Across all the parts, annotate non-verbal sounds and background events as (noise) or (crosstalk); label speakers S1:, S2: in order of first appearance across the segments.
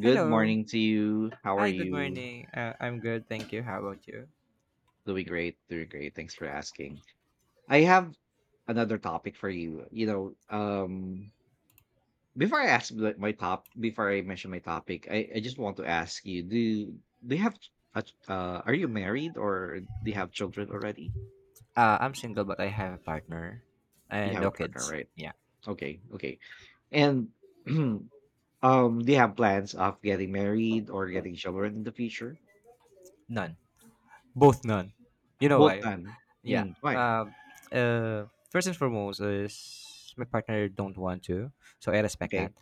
S1: Good
S2: Hello.
S1: morning to you. How are
S2: Hi, good
S1: you?
S2: morning. I'm good, thank you. How about you?
S1: Doing great, doing great. Thanks for asking. I have another topic for you. Before I ask before I mention my topic, I just want to ask you: Do you have? Are you married or do you have children already?
S2: I'm single, but I have a partner
S1: You
S2: and
S1: have a
S2: no
S1: partner,
S2: kids.
S1: right?
S2: Yeah,
S1: Okay, okay. And (clears throat) do you have plans of getting married or getting children in the future?
S2: none. Both none. You know
S1: Both
S2: why?
S1: done.
S2: Yeah.
S1: Mm, why?
S2: Um. First and foremost is my partner don't want to, so I respect that.
S1: Okay.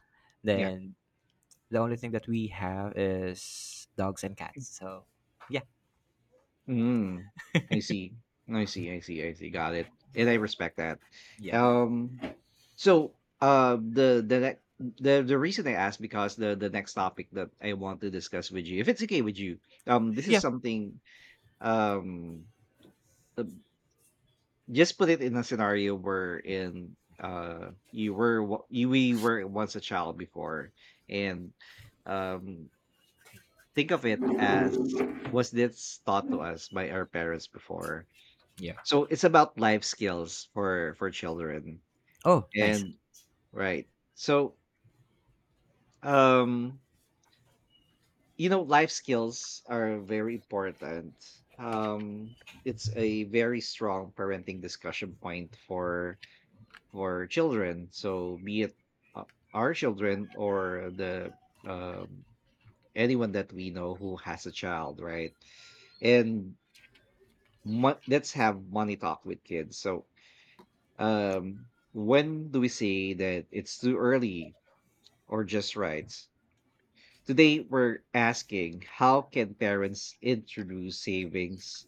S1: Yeah.
S2: Then the only thing that we have is dogs and cats. So, yeah,
S1: Mm, I see. I see, I see, I see. Got it. And I respect that.
S2: yeah,
S1: Um, so the next the reason I asked because the next topic that I want to discuss with you, if it's okay with you, this is
S2: yeah,
S1: something um, uh, just put it in a scenario where in you we were once a child before, and um, think of it as was this taught to us by our parents before.
S2: yeah.
S1: So it's about life skills for children.
S2: Oh, nice.
S1: And right. So um you know life skills are very important. It's a very strong parenting discussion point for children. So be it uh, our children or the um anyone that we know who has a child, right? And let's have money talk with kids. So Um, when do we say that it's too early or just right? Today, we're asking how can parents introduce savings,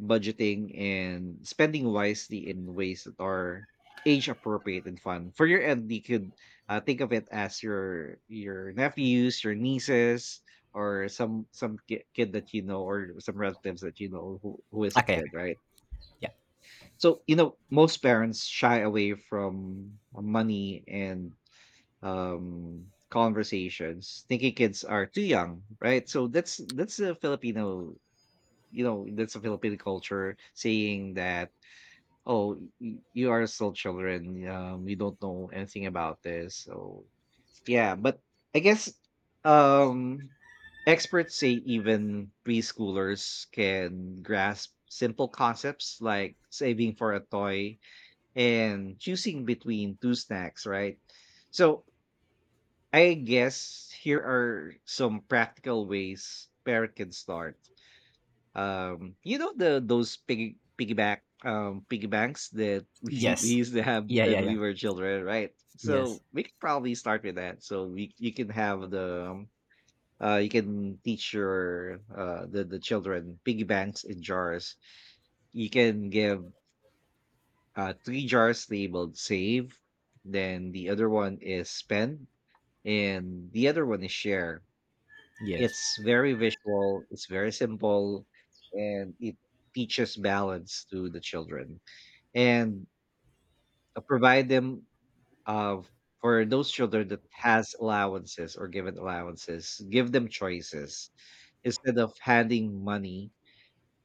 S1: budgeting, and spending wisely in ways that are age appropriate and fun. For your end, you could think of it as your nephews, your nieces, or some kid that you know, or some relatives that you know who is a
S2: Okay,
S1: kid,
S2: okay.
S1: right?
S2: Yeah.
S1: So, you know, most parents shy away from money and conversations, thinking kids are too young, right? So that's a Filipino, you know, that's a Filipino culture saying that, oh, you are still children, you don't know anything about this. So yeah, but I guess um experts say even preschoolers can grasp simple concepts like saving for a toy and choosing between two snacks, right? So I guess here are some practical ways parent can start. You know the those piggy banks that (laughs) we
S2: Yes.
S1: used to have
S2: Yeah, yeah,
S1: when we
S2: yeah.
S1: were children, right? So
S2: Yes.
S1: we could probably start with that. So we you can have the you can teach the children piggy banks in jars. You can give three jars labeled save, then the other one is spend, and the other one is share.
S2: Yes.
S1: It's very visual, it's very simple, and it teaches balance to the children and provide them uh, for those children that has allowances or given allowances, give them choices instead of handing money,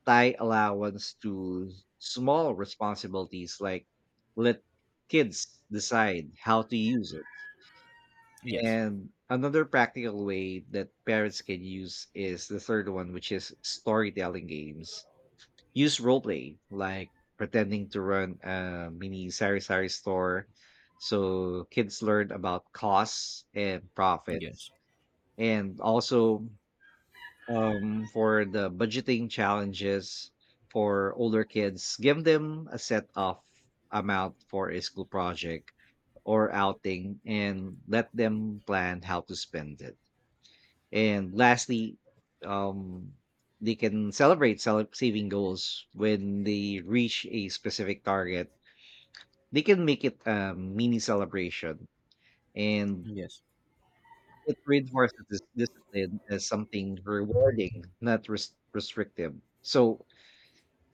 S1: tie allowance to small responsibilities, like let kids decide how to use it.
S2: Yes.
S1: And another practical way that parents can use is the third one, which is storytelling games. Use role play, like pretending to run a mini sari sari store so kids learn about costs and profits.
S2: Yes.
S1: And also for the budgeting challenges for older kids, give them a set off amount for a school project or outing and let them plan how to spend it. And lastly, um, they can celebrate saving goals when they reach a specific target. They can make it a mini celebration, and
S2: Yes.
S1: it reinforces this discipline as something rewarding, not restrictive. So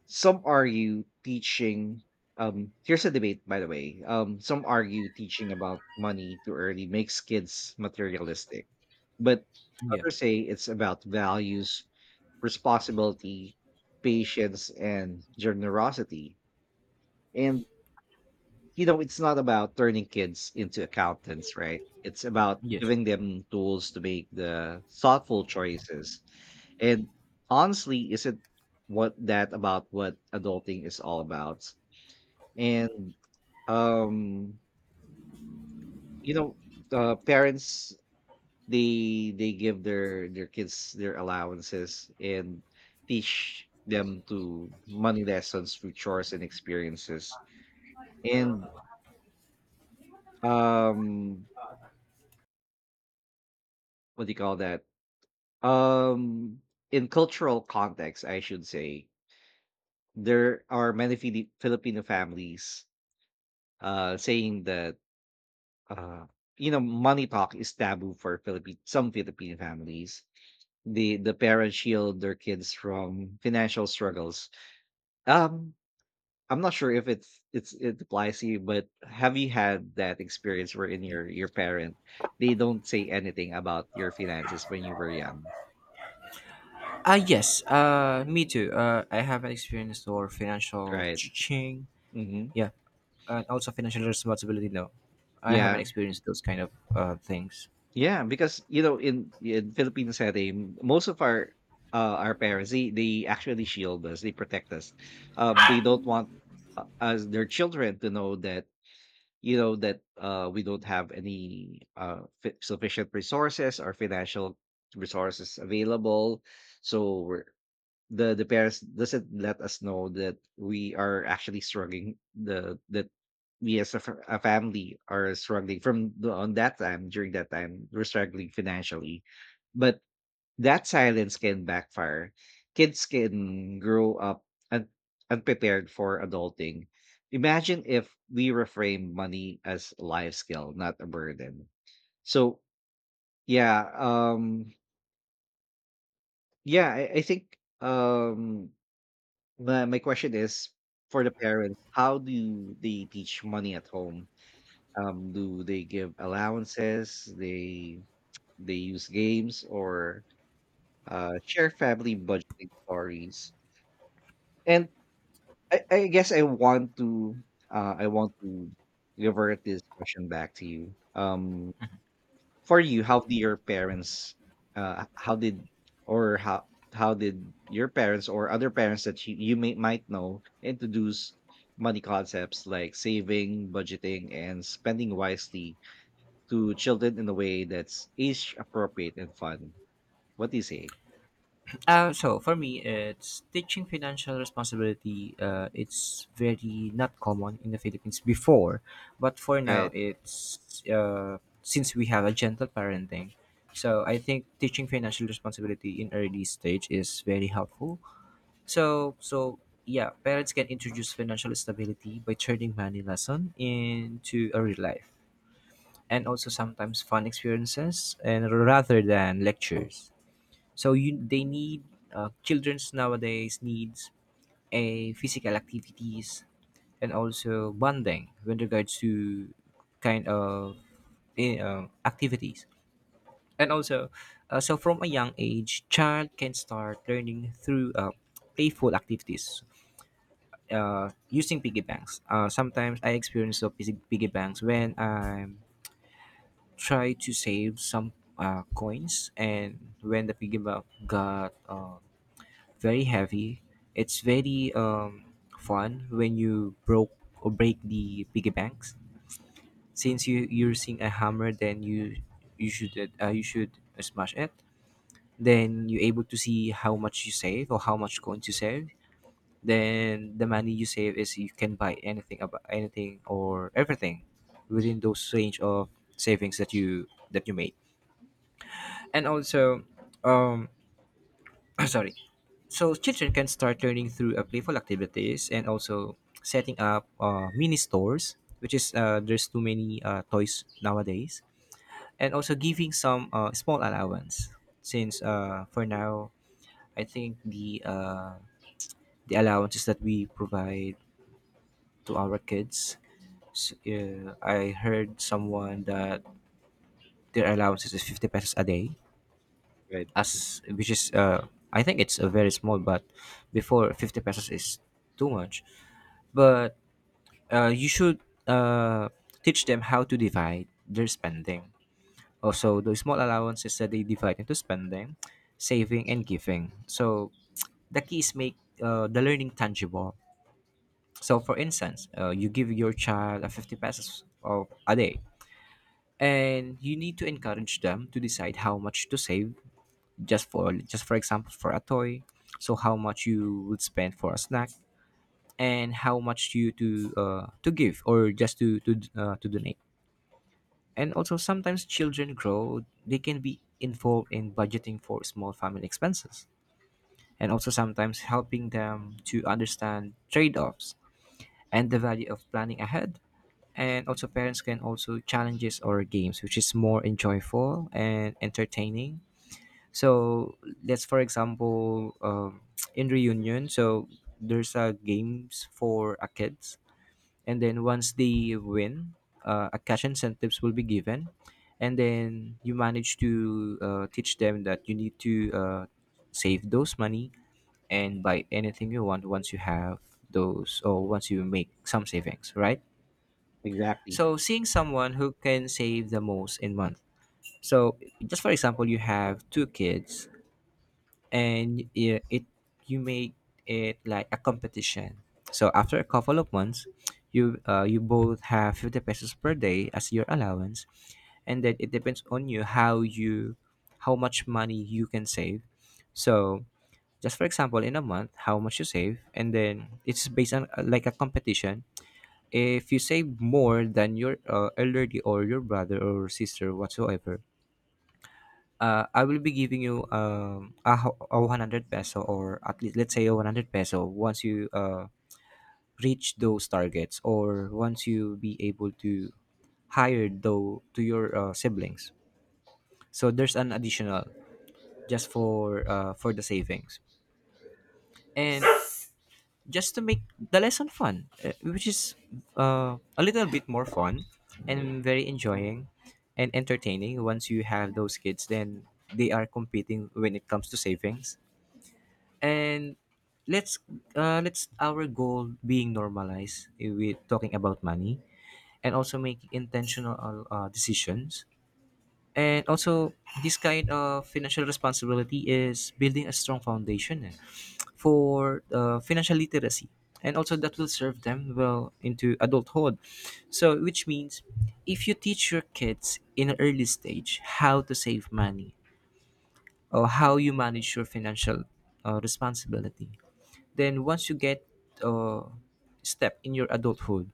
S1: some argue teaching here's a debate by the way. Um, some argue teaching about money too early makes kids materialistic. But
S2: Yeah.
S1: others say it's about values, responsibility, patience, and generosity. And you know, it's not about turning kids into accountants, right? It's about
S2: Yes.
S1: giving them tools to make the thoughtful choices. And honestly, isn't what that about what adulting is all about? And um, you know, parents, they give their kids their allowances and teach them to money lessons through chores and experiences. And um, what do you call that? Um, in cultural context, I should say there are many Filipino families saying that uh you know money talk is taboo for Philippine, some Filipino families. The parents shield their kids from financial struggles. Um, I'm not sure if it applies to you, but have you had that experience wherein your parent, they don't say anything about your finances when you were young,
S2: Yes. Me too. I have an experience for financial
S1: right?
S2: teaching.
S1: Mm-hmm.
S2: Yeah. And also financial responsibility. Now, I haven't
S1: Yeah.
S2: experienced those kind of things.
S1: Yeah, because you know, in Philippine setting, most of uh, our parents, they actually shield us, they protect us. They don't want us their children to know that you know that we don't have any sufficient resources or financial resources available. So we're the parents doesn't let us know that we are actually struggling the that we as a, a family are struggling from the, on that time during that time we're struggling financially, but that silence can backfire. Kids can grow up un- unprepared for adulting. Imagine if we reframe money as a life skill, not a burden. So yeah, yeah, I think my question is for the parents, how do they teach money at home? Do they give allowances? They use games or share family budgeting stories. And I guess I want to revert this question back to you. For you, how did your parents, uh, how did or how how did your parents or other parents that you may might know introduce money concepts like saving, budgeting, and spending wisely to children in a way that's age appropriate and fun? What do you say?
S2: So for me, it's teaching financial responsibility. It's very not common in the Philippines before, but for now,
S1: Right,
S2: it's since we have a gentle parenting. So I think teaching financial responsibility in early stage is very helpful. So, yeah, parents can introduce financial stability by turning money lesson into a real life and also sometimes fun experiences and rather than lectures. So you they need children's nowadays needs a physical activities and also bonding when regards to kind of activities and also so from a young age child can start learning through playful activities using piggy banks. Sometimes I experience the piggy banks when I try to save some coins, and when the piggy bank got very heavy, it's very fun when you broke or break the piggy banks. Since you're using a hammer, then you should you should smash it. Then you're able to see how much you save or how much coins you save, then the money you save is you can buy anything about anything or everything within those range of savings that you made and also um (coughs) (clears throat) sorry, so children can start learning through playful activities and also setting up mini stores which is there's too many toys nowadays and also giving some small allowance since for now I think the allowances that we provide to our kids. I heard someone that their allowances is 50 pesos a day,
S1: right,
S2: as which is I think it's a very small, but before 50 pesos is too much. But you should uh, teach them how to divide their spending. Also, the small allowances that they divide into spending, saving, and giving. So the keys make the learning tangible. So, for instance, you give your child a 50 pesos of a day, and you need to encourage them to decide how much to save, just for example for a toy, so how much you would spend for a snack, and how much you to give or just to donate. And also, sometimes children grow, they can be involved in budgeting for small family expenses and also sometimes helping them to understand trade-offs and the value of planning ahead. And also parents can also challenges or games which is more enjoyable and entertaining. So let's for example (tsk) in reunion. So there's games for kids, and then once they win, a cash incentives will be given, and then you manage to teach them that you need to save those money and buy anything you want once you have those or once you make some savings, right?
S1: exactly.
S2: So seeing someone who can save the most in month. So just for example, you have two kids and it you make it like a competition. So after a couple of months, you both have 50 pesos per day as your allowance, and then it depends on you how much money you can save. So just for example, in a month, how much you save, and then it's based on like a competition. If you save more than your elderly or your brother or sister whatsoever, I will be giving you a 100 peso or at least let's say a 100 peso once you reach those targets or once you be able to hire though to your siblings. So there's an additional just for the savings, and just to make the lesson fun, which is a little bit more fun and very enjoying and entertaining once you have those kids, then they are competing when it comes to savings. And let's let's our goal being normalized with talking about money and also making intentional decisions. And also this kind of financial responsibility is building a strong foundation for financial literacy and also that will serve them well into adulthood. So which means if you teach your kids in an early stage how to save money or how you manage your financial responsibility, then once you get uh, step in your adulthood,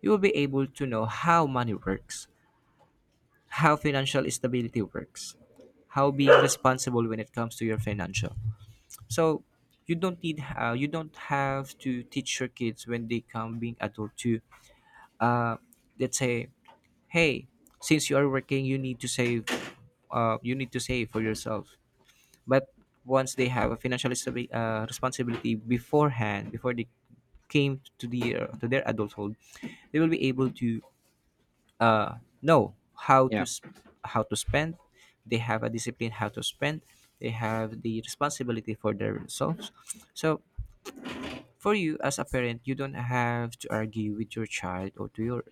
S2: you will be able to know how money works, how financial stability works, how being responsible when it comes to your financial. So you don't have to teach your kids when they come being adult to uh, let's say hey, since you are working you need to save, you need to save for yourself. But once they have a financial responsibility beforehand before they came to the to their adulthood, they will be able to know
S1: Yeah,
S2: how to spend, they have a discipline how to spend, they have the responsibility for themselves. So for you as a parent, you don't have to argue with your child or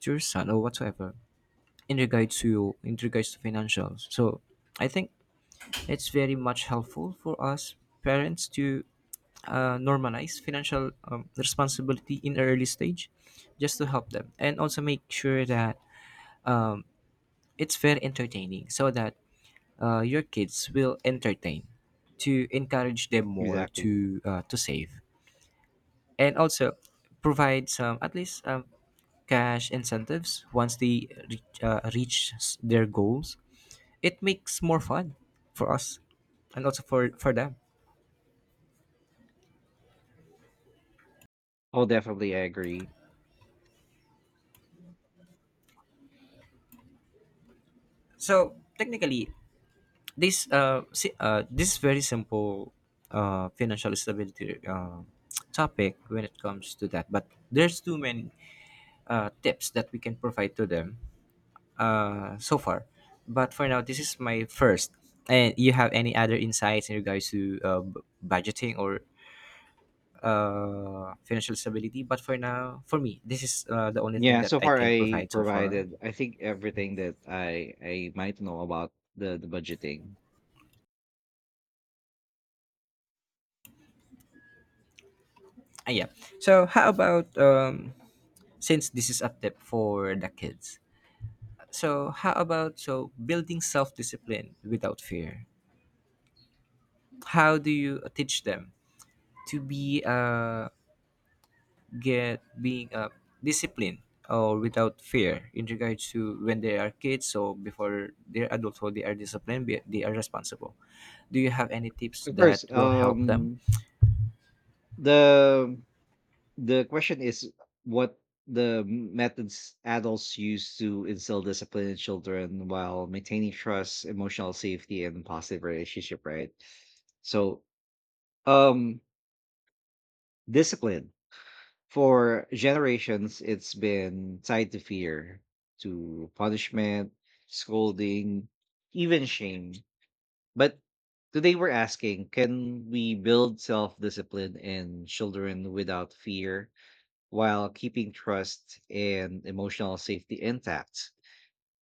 S2: to your son or whatsoever in regards to financials. So I think it's very much helpful for us parents to normalize financial responsibility in an early stage, just to help them and also make sure that it's very entertaining, so that your kids will entertain to encourage them more
S1: exactly.
S2: to save. And also provide some at least cash incentives once they reach their goals. It makes more fun for us and also for them.
S1: Oh, definitely, I agree.
S2: So technically this this very simple financial stability topic when it comes to that, but there's too many tips that we can provide to them so far. But for now, this is my first. And you have any other insights in regards to budgeting or financial stability? But for now, for me, this is the only thing
S1: Yeah,
S2: that
S1: so
S2: I
S1: far
S2: can
S1: I
S2: provide so far.
S1: provided, I think everything that I might know about the budgeting.
S2: Yeah. So how about since this is a tip for the kids? So, how about building self-discipline without fear? How do you teach them to be get being disciplined or without fear in regards to when they are kids, so before they're their adulthood they are disciplined, they are responsible. Do you have any tips
S1: Of course,
S2: that will help them?
S1: the question is what the methods adults use to instill discipline in children while maintaining trust, emotional safety, and positive relationship, right? So, um, discipline for generations, it's been tied to fear, to punishment, scolding, even shame. But today we're asking, can we build self discipline in children without fear while keeping trust and emotional safety intact?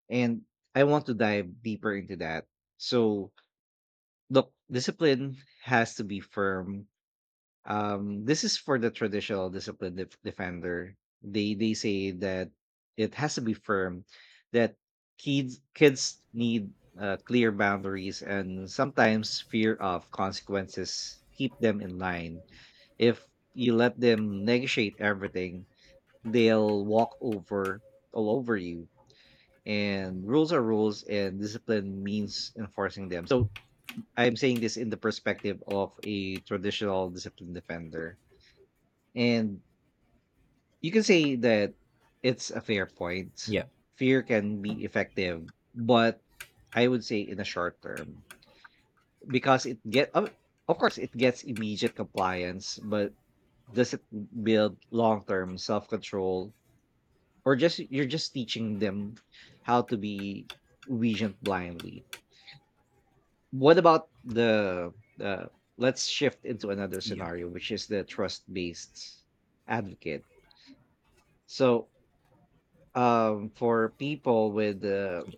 S1: And I want to dive deeper into that. So, look, discipline has to be firm. This is for the traditional discipline defender. They say that it has to be firm, that kids need clear boundaries, and sometimes fear of consequences keep them in line. If you let them negotiate everything, they'll walk over all over you, and rules are rules, and discipline means enforcing them. So I'm saying this in the perspective of a traditional discipline defender. And you can say that it's a fair point.
S2: Yeah.
S1: Fear can be effective, but I would say in the short term, because it get of course it gets immediate compliance, but does it build long term self control, or just you're just teaching them how to be vigilant blindly? What about the, let's shift into another
S2: Yeah.
S1: scenario, which is the trust based advocate. So for people with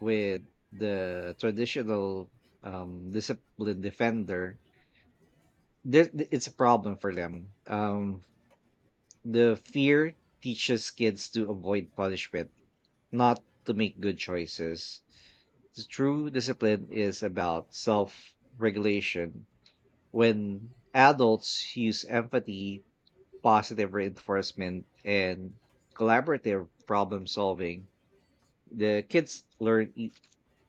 S1: with the traditional discipline defender, there it's a problem for them. The fear teaches kids to avoid punishment, not to make good choices. The true discipline is about self regulation. When adults use empathy, positive reinforcement, and collaborative problem solving, the kids learn e-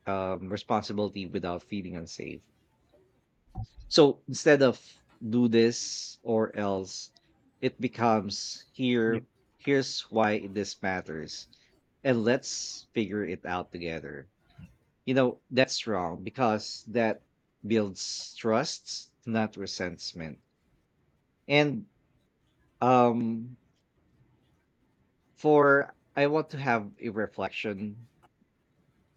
S1: um, responsibility without feeling unsafe. So instead of do this or else, it becomes
S2: Yeah.
S1: here, here's why this matters, and let's figure it out together. You know, that's wrong because that builds trust, not resentment. And um, for I want to have a reflection,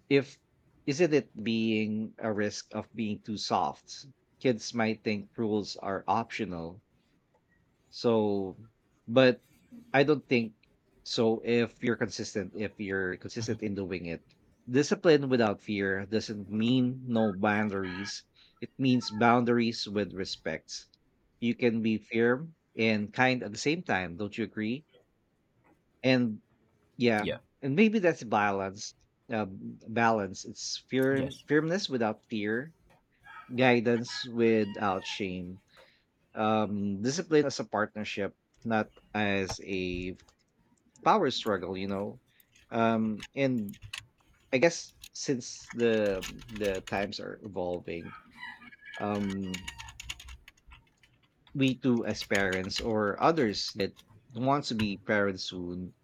S1: if isn't it being a risk of being too soft, kids might think rules are optional. So but I don't think so. If you're consistent, if you're consistent in doing it, discipline without fear doesn't mean no boundaries. It means boundaries with respect. You can be firm and kind at the same time, don't you agree? And yeah,
S2: Yeah.
S1: and maybe that's balance. Balance. It's
S2: Yes.
S1: firmness without fear, guidance without shame, discipline as a partnership, not as a power struggle. And I guess since the times are evolving, um, we too as parents or others that want to be parents soon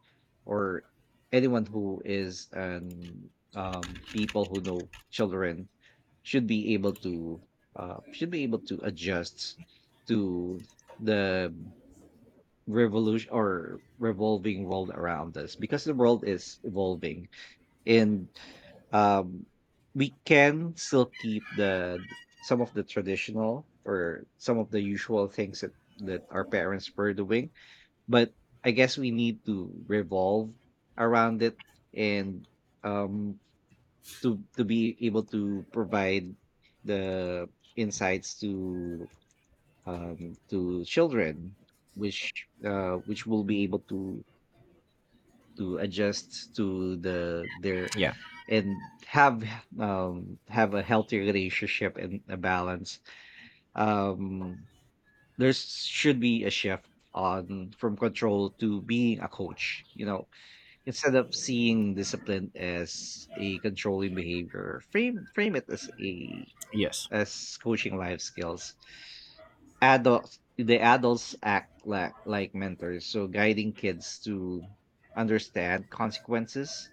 S1: or anyone who is an people who know children should be able to should be able to adjust to the revolution or revolving world around us because the world is evolving and um, we can still keep the some of the traditional or some of the usual things that our parents were doing, but I guess we need to revolve around it and um to be able to provide the insights to children which which will be able to adjust to their
S2: Yeah.
S1: and have a healthy relationship and a balance. um there should be a shift on from control to being a coach, you know? Instead of seeing discipline as a controlling behavior, frame it as a
S2: Yes.
S1: as coaching life skills. Adults the adults act like mentors, so guiding kids to understand consequences,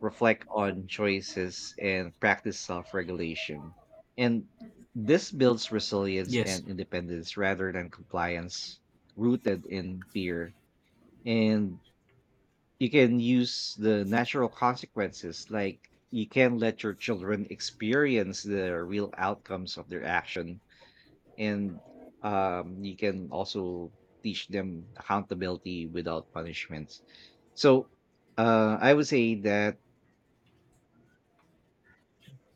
S1: reflect on choices, and practice self-regulation. And this builds resilience
S2: Yes.
S1: and independence rather than compliance rooted in fear. And you can use the natural consequences, like you can let your children experience the real outcomes of their action. And you can also teach them accountability without punishments. So I would say that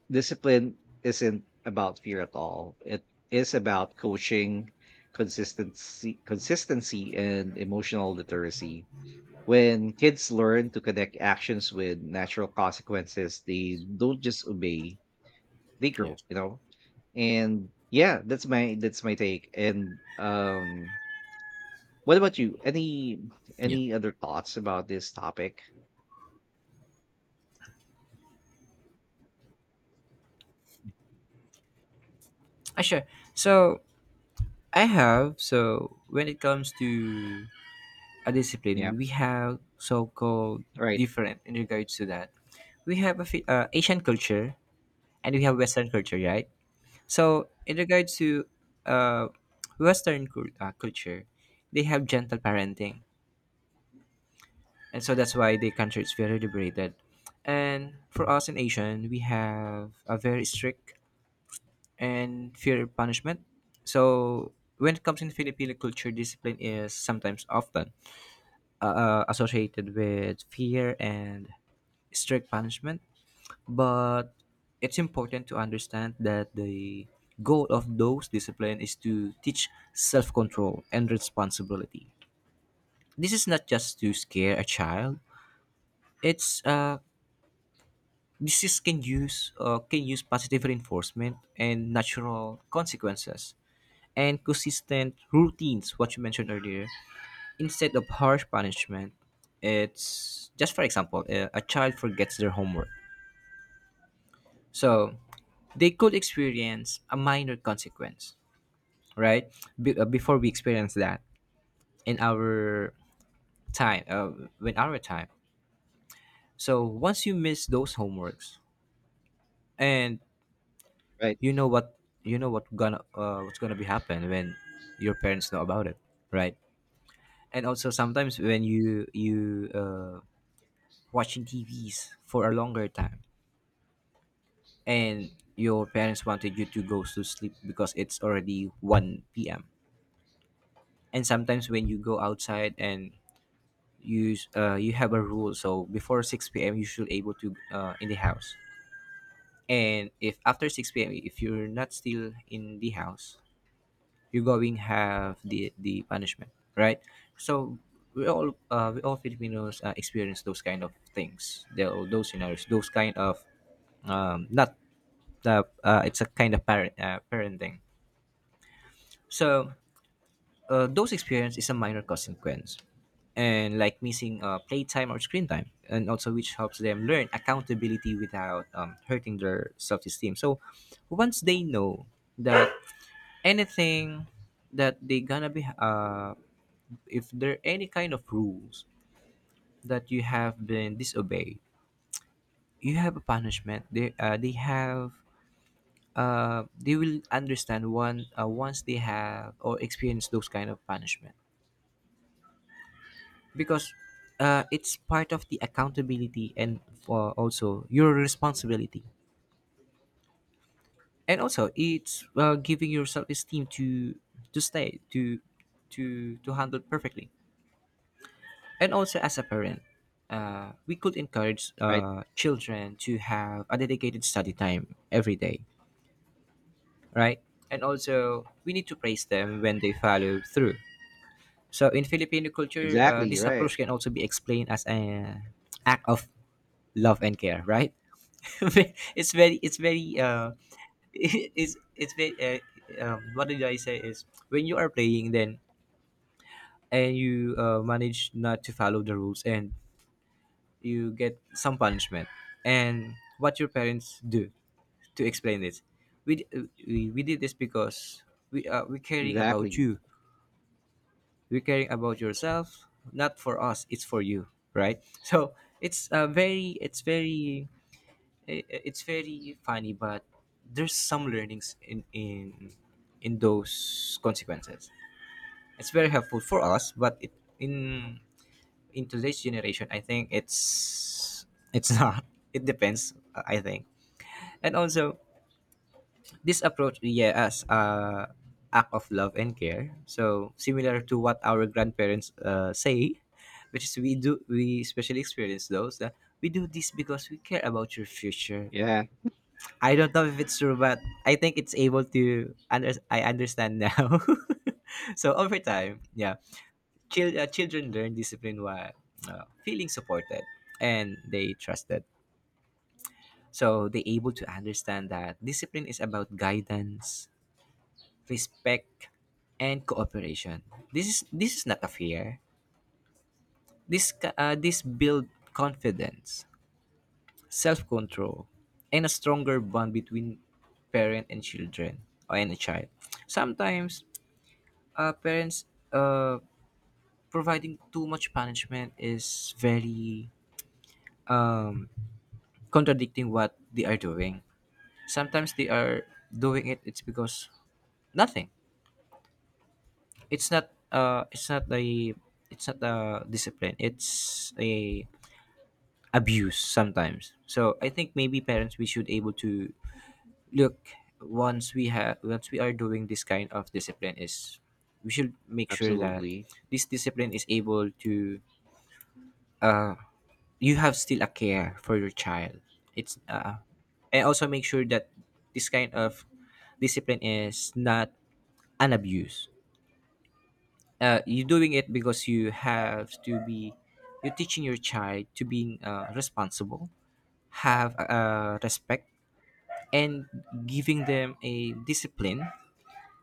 S1: discipline isn't about fear at all. It is about coaching, consistency and emotional literacy. When kids learn to connect actions with natural consequences, they don't just obey, they grow, you know? And yeah, that's my take. And what about you? Any other thoughts about this topic?
S2: Sure. So I have, so when it comes to a
S1: Yeah.
S2: discipline, we have so-called
S1: Right.
S2: different in regards to that. We have a asian culture and we have western culture, right? So in regards to uh, western culture, they have gentle parenting, and so that's why the country is very liberated. And for us in asian, we have a very strict and fear punishment. So when it comes in filipino culture, discipline is sometimes often associated with fear and strict punishment, but it's important to understand that the goal of those discipline is to teach self-control and responsibility. This is not just to scare a child. It's this is can use positive reinforcement and natural consequences and consistent routines. What you mentioned earlier instead of harsh punishment. It's just for example a child forgets their homework, so they could experience a minor consequence, right? Before we experience that in our time, when our time, so once you miss those homeworks and
S1: Right.
S2: you know what, you know what gonna what's gonna be happen when your parents know about it, right? And also sometimes when you watching tvs for a longer time and your parents wanted you to go to sleep because it's already 1 p.m. And sometimes when you go outside and you have a rule, so before 6 p.m. you should able to in the house. And if after 6 p.m. if you're not still in the house, you're going have the punishment, right? So we all Filipinos experience those kind of things, those scenarios, those kind of not the it's a kind of parenting. So those experience is a minor consequence, and like missing playtime or screen time, and also which helps them learn accountability without hurting their self-esteem. So once they know that anything that they gonna be if there are any kind of rules that you have been disobeyed, you have a punishment. They have. They will understand one once they have or experience those kind of punishment, because it's part of the accountability and also your responsibility, and also it's giving your self-esteem to stay to handle perfectly. And also as a parent, we could encourage
S1: Right.
S2: children to have a dedicated study time every day, right, and also we need to praise them when they follow through. So in Filipino culture,
S1: Exactly.
S2: this
S1: Right.
S2: approach can also be explained as an act of love and care, right? (laughs) It's very uh, (laughs) it's very what did I say? Is when you are playing then, and you manage not to follow the rules and you get some punishment, and what your parents do to explain this, we did this because we're caring about
S1: Exactly.
S2: you, we're caring about yourself, not for us, it's for you, right? So it's very it's very funny, but there's some learnings in those consequences. It's very helpful for us, but it, in in today's generation, I think it's (laughs) not. It depends, I think. And also, this approach, yeah, as a act of love and care. So similar to what our grandparents say, which is we do we especially experience those, that we do this because we care about your future.
S1: Yeah.
S2: I don't know if it's true, but I think it's able to. I understand now. (laughs) So over time, yeah, children learn discipline while feeling supported and they trusted. So they able to understand that discipline is about guidance, respect, and cooperation. This is not a fear. This build confidence, self control, and a stronger bond between parent and children, or and a child. Sometimes parents uh, providing too much punishment is very um, contradicting what they are doing. Sometimes they are doing it. It's because nothing. It's not. It's not a. It's not a discipline. It's a abuse sometimes. So I think maybe parents we should able to look, once we have once we are doing this kind of discipline is we should make sure that
S1: Absolutely.
S2: this discipline is able to uh, you have still a care for your child. It's uh, and also make sure that this kind of discipline is not an abuse. You're doing it because you have to be, you're teaching your child to being responsible, have respect, and giving them a discipline.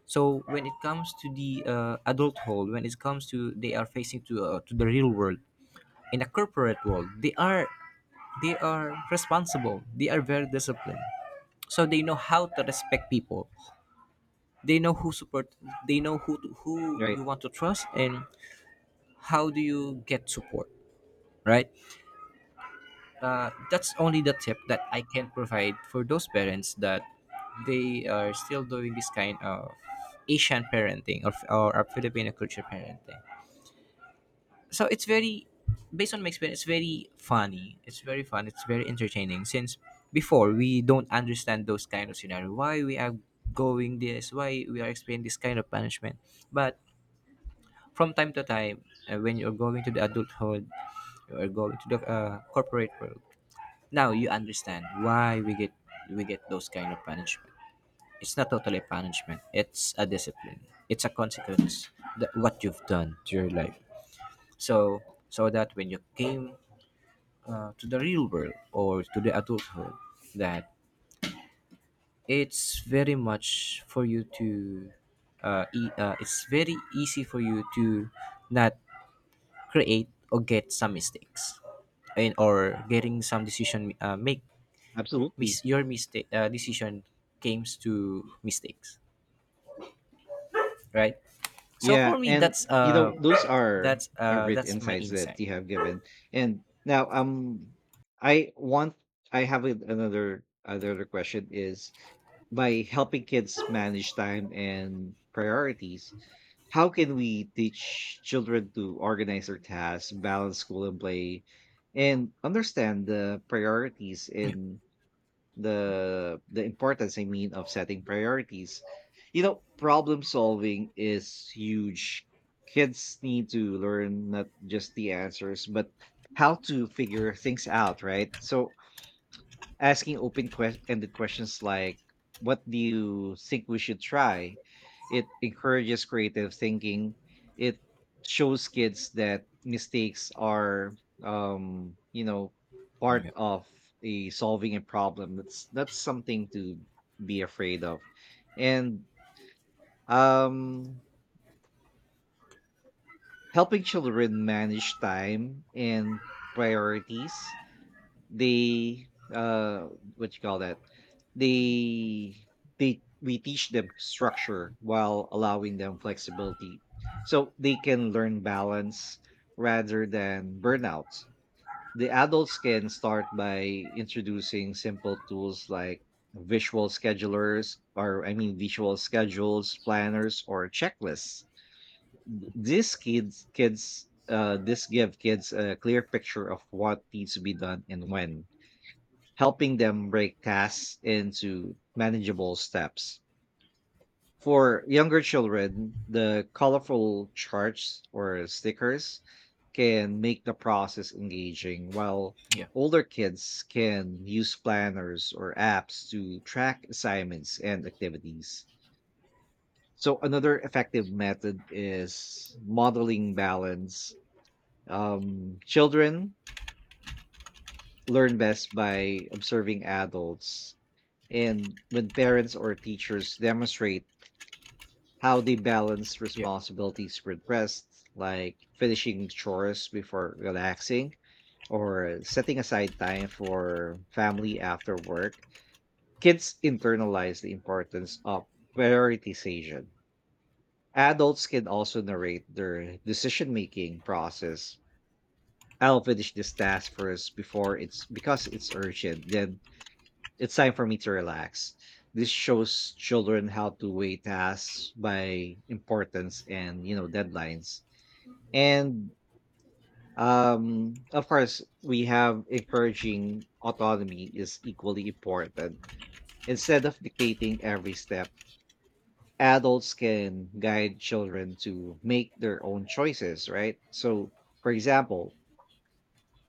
S2: So when it comes to the adulthood, when it comes to they are facing to the real world, in a corporate world they are responsible, they are very disciplined, so they know how to respect people, they know who support, they know who to, who
S1: Right.
S2: you want to trust, and how do you get support, right? That's only the tip that I can provide for those parents that they are still doing this kind of Asian parenting or a Filipino culture parenting. So it's very, based on my experience, it's very funny, it's very fun, it's very entertaining since before we don't understand those kind of scenario why we are going this, why we are experiencing this kind of punishment. But from time to time, when you're going to the adulthood, you're going to the corporate world, now you understand why we get those kind of punishment. It's not totally a punishment, it's a discipline, it's a consequence, that what you've done to your life. So so that when you came to the real world or to the adulthood, that it's very much for you to it's very easy for you to not create or get some mistakes, and or getting some decision make
S1: Absolutely.
S2: your mistake decision comes to mistakes, right? So
S1: Yeah,
S2: for me,
S1: and
S2: that's uh,
S1: those are great
S2: that's my
S1: insights that
S2: insight.
S1: you have given. And now, I want I have a- another question is, by helping kids manage time and priorities. How can we teach children to organize their tasks, balance school and play, and understand the priorities
S2: Yeah,
S1: in the importance, I mean, of setting priorities? You know, problem solving is huge. Kids need to learn not just the answers but how to figure things out, right? So asking open quest- ended questions like, "What do you think we should try?" It encourages creative thinking. It shows kids that mistakes are, um, you know, part
S2: yeah,
S1: of a solving a problem. That's something to be afraid of. And um helping children manage time and priorities. They, uh, what you call that? They they we teach them structure while allowing them flexibility, so they can learn balance rather than burnout. The adults can start by introducing simple tools like visual schedulers, or I mean visual schedules, planners, or checklists. These kids kids this give kids a clear picture of what needs to be done and when, helping them break tasks into manageable steps. For younger children, the colorful charts or stickers can make the process engaging, while
S2: yeah,
S1: older kids can use planners or apps to track assignments and activities. So, another effective method is modeling balance. Children learn best by observing adults. And when parents or teachers demonstrate how they balance
S2: yeah,
S1: responsibilities with rest, like finishing chores before relaxing or setting aside time for family after work, kids internalize the importance of prioritization. Adults can also narrate their decision making process. "I'll finish this task first before it's because it's urgent. Then it's time for me to relax." This shows children how to weigh tasks by importance and, you know, deadlines. And of course, we have encouraging autonomy is equally important. Instead of dictating every step, adults can guide children to make their own choices, right? So, for example,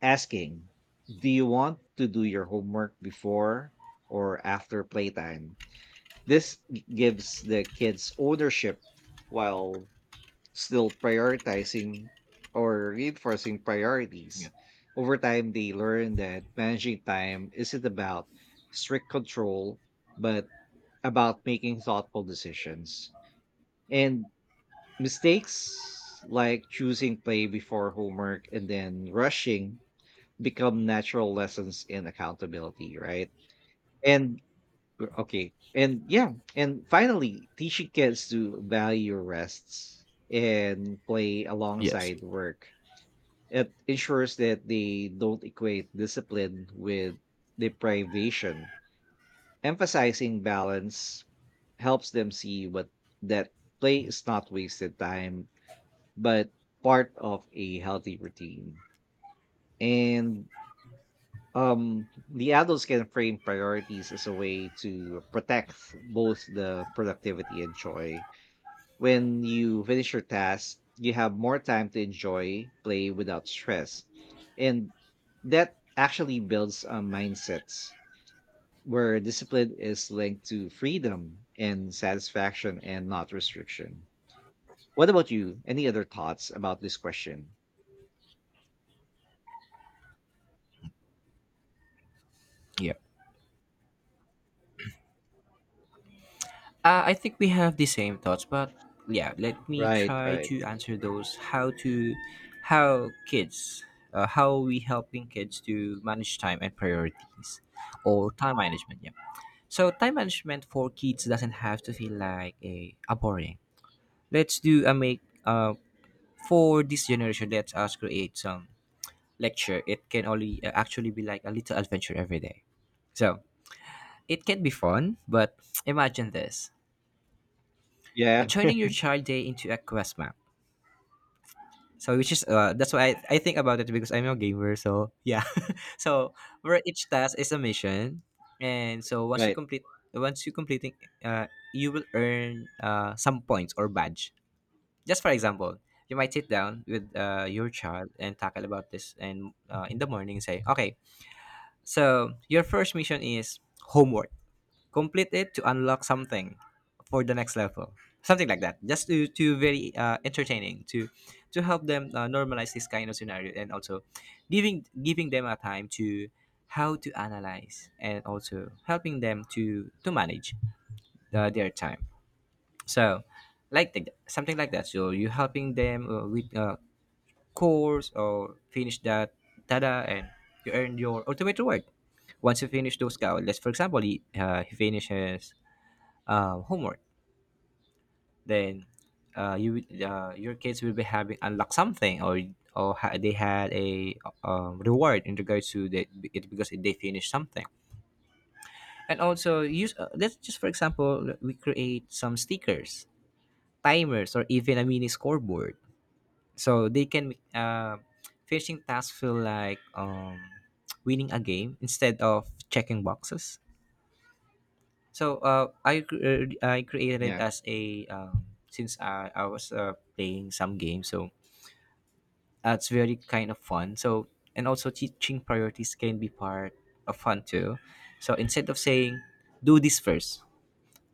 S1: asking, "Do you want to do your homework before or after playtime?" This g- gives the kids ownership while still prioritizing or reinforcing
S2: yeah,
S1: priorities. Over time, they learn that managing time isn't about strict control, but about making thoughtful decisions. And mistakes like choosing play before homework and then rushing become natural lessons in accountability, right? And or- Okay. And yeah, and finally, teaching kids to value rests and play
S2: yes.
S1: alongside work. It ensures that they don't equate discipline with deprivation. Emphasizing balance helps them see what that play is not wasted time, but part of a healthy routine. And the adults can frame priorities as a way to protect both the productivity and joy. When you finish your task, you have more time to enjoy play without stress. And that actually builds a mindset where discipline is linked to freedom and satisfaction and not restriction. What about you? Any other thoughts about this question?
S2: Yeah. I think we have the same thoughts, but yeah, let me
S1: Right,
S2: try
S1: right.
S2: to answer those. How kids, how we helping kids to manage time and priorities, or time management. Yeah. So time management for kids doesn't have to feel like a boring. Let's do a make for this generation. Let us create some lecture. It can only actually be like a little adventure every day. So it can be fun, but imagine this.
S1: Yeah,
S2: Turning your child day into a quest map. So which is that's why I think about it because I'm a gamer. So yeah, (laughs) so where each task is a mission, and so once you
S1: right.
S2: complete once you completing, uh, you will earn some points or badge. Just for example, you might sit down with your child and tackle about this, and in the morning say, okay, so your first mission is homework, complete it to unlock something for the next level, something like that, just to very entertaining to help them normalize this kind of scenario, and also giving them a time to how to analyze and also helping them to manage their time. So like the, something like that, so you helping them with course or finish that, tada, and you earn your ultimate reward once you finish those goals. Let's for example, he finishes homework, then your kids will be having unlocked something, or they had a reward in regards to that, it because they finished something. And also use let's just for example we create some stickers, timers, or even a mini scoreboard so they can finishing tasks feel like winning a game instead of checking boxes. So I created it
S1: Yeah,
S2: as a since I was playing some games, so it's very kind of fun. So and also teaching priorities can be part of fun too. So instead of saying do this first,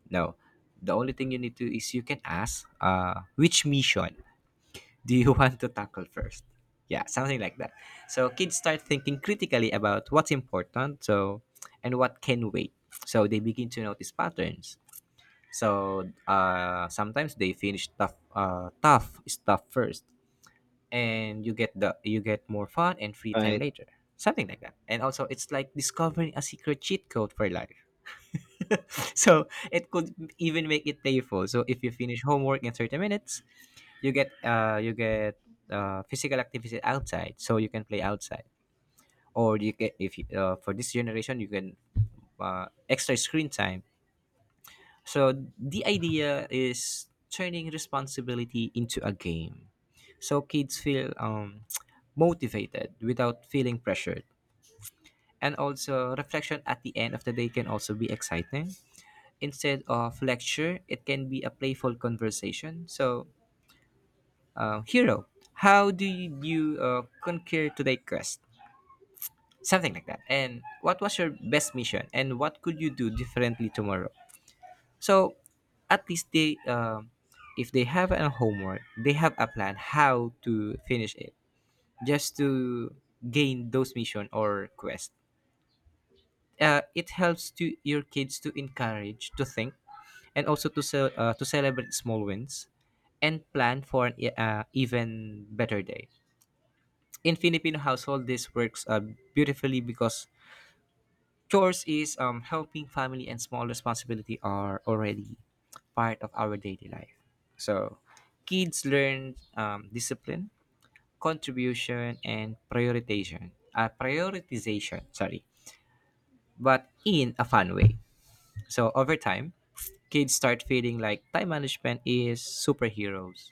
S2: no, the only thing you need to is you can ask which mission do you (laughs) want to tackle first. Yeah, something like that. So kids start thinking critically about what's important, so and what can wait. So they begin to notice patterns, so sometimes they finish tough stuff first, and you get more fun and free time
S1: right,
S2: later, something like that. And also, it's like discovering a secret cheat code for life. (laughs) So it could even make it playful. So if you finish homework in 30 minutes, you get physical activity outside, so you can play outside. Or you get if you, for this generation you can extra screen time. So the idea is turning responsibility into a game. So kids feel (tsk) motivated without feeling pressured. And also reflection at the end of the day can also be exciting. Instead of lecture, it can be a playful conversation. So hero, how do you conquer today's quest? Something like that. And what was your best mission? And what could you do differently tomorrow? So at least they, if they have a homework, they have a plan how to finish it, just to gain those mission or quest. It helps to your kids to encourage to think, and also to celebrate small wins and plan for even better day. In Filipino household, this works beautifully because chores is helping family and small responsibility are already part of our daily life. So kids learn discipline, contribution, and prioritization. Prioritization, sorry, but in a fun way. So over time, kids start feeling like time management is superheroes.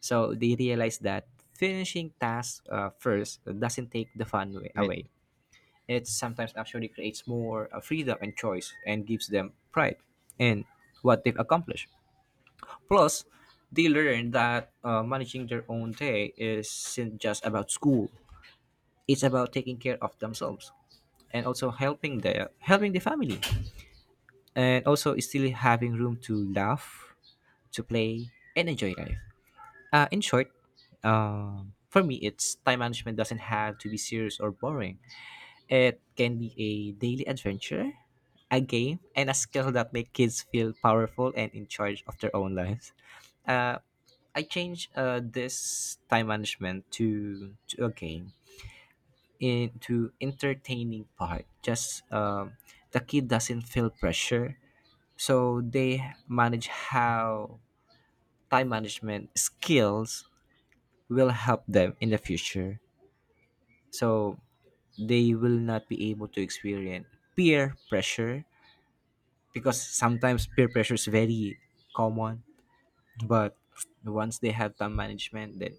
S2: So they realize that finishing tasks first doesn't take the fun way
S1: right.
S2: away. It sometimes actually creates more freedom and choice, and gives them pride in what they've accomplished. Plus, they learn that managing their own day isn't just about school. It's about taking care of themselves and also helping the family, and also still having room to laugh, to play, and enjoy life. In short, for me, it's time management doesn't have to be serious or boring. It can be a daily adventure, a game, and a skill that make kids feel powerful and in charge of their own lives. Uh, I changed this time management to a game into entertaining part. Just the kid doesn't feel pressure, so they manage how time management skills will help them in the future. So they will not be able to experience peer pressure because sometimes peer pressure is very common, but once they have time management, then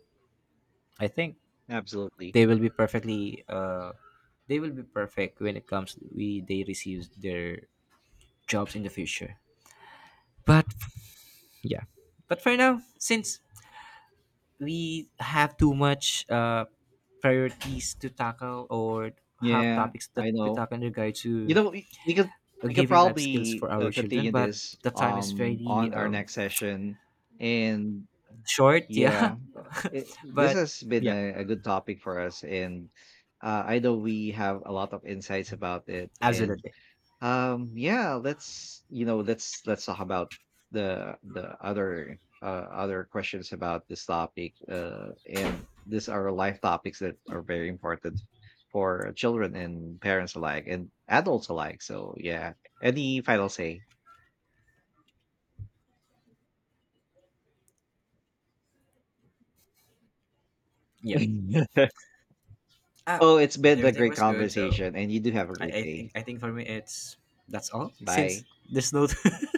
S2: I think
S1: Absolutely.
S2: they will be perfectly they will be perfect when it comes we they receive their jobs in the future. But yeah, but for now, since we have too much priorities to tackle or have
S1: Yeah,
S2: topics that
S1: I
S2: we
S1: know.
S2: tackle in regard
S1: You
S2: to
S1: know, we could
S2: giving life skills
S1: probably
S2: for our children.
S1: continue
S2: But
S1: this
S2: the time is very
S1: on our next session. And
S2: short, yeah.
S1: yeah, it,
S2: (laughs)
S1: this
S2: But
S1: has been
S2: yeah,
S1: a good topic for us, and I know we have a lot of insights about it, and
S2: absolutely.
S1: yeah, let's talk about the other other questions about this topic. And these are life topics that are very important for children and parents alike and adults alike. So yeah, any final say?
S2: Yeah,
S1: (laughs)
S2: uh,
S1: Oh, it's been a
S2: everything
S1: great
S2: was good, so
S1: conversation, and you do have a
S2: I,
S1: great
S2: I think
S1: day.
S2: i think for me it's that's all, since
S1: Bye.
S2: there's no (laughs)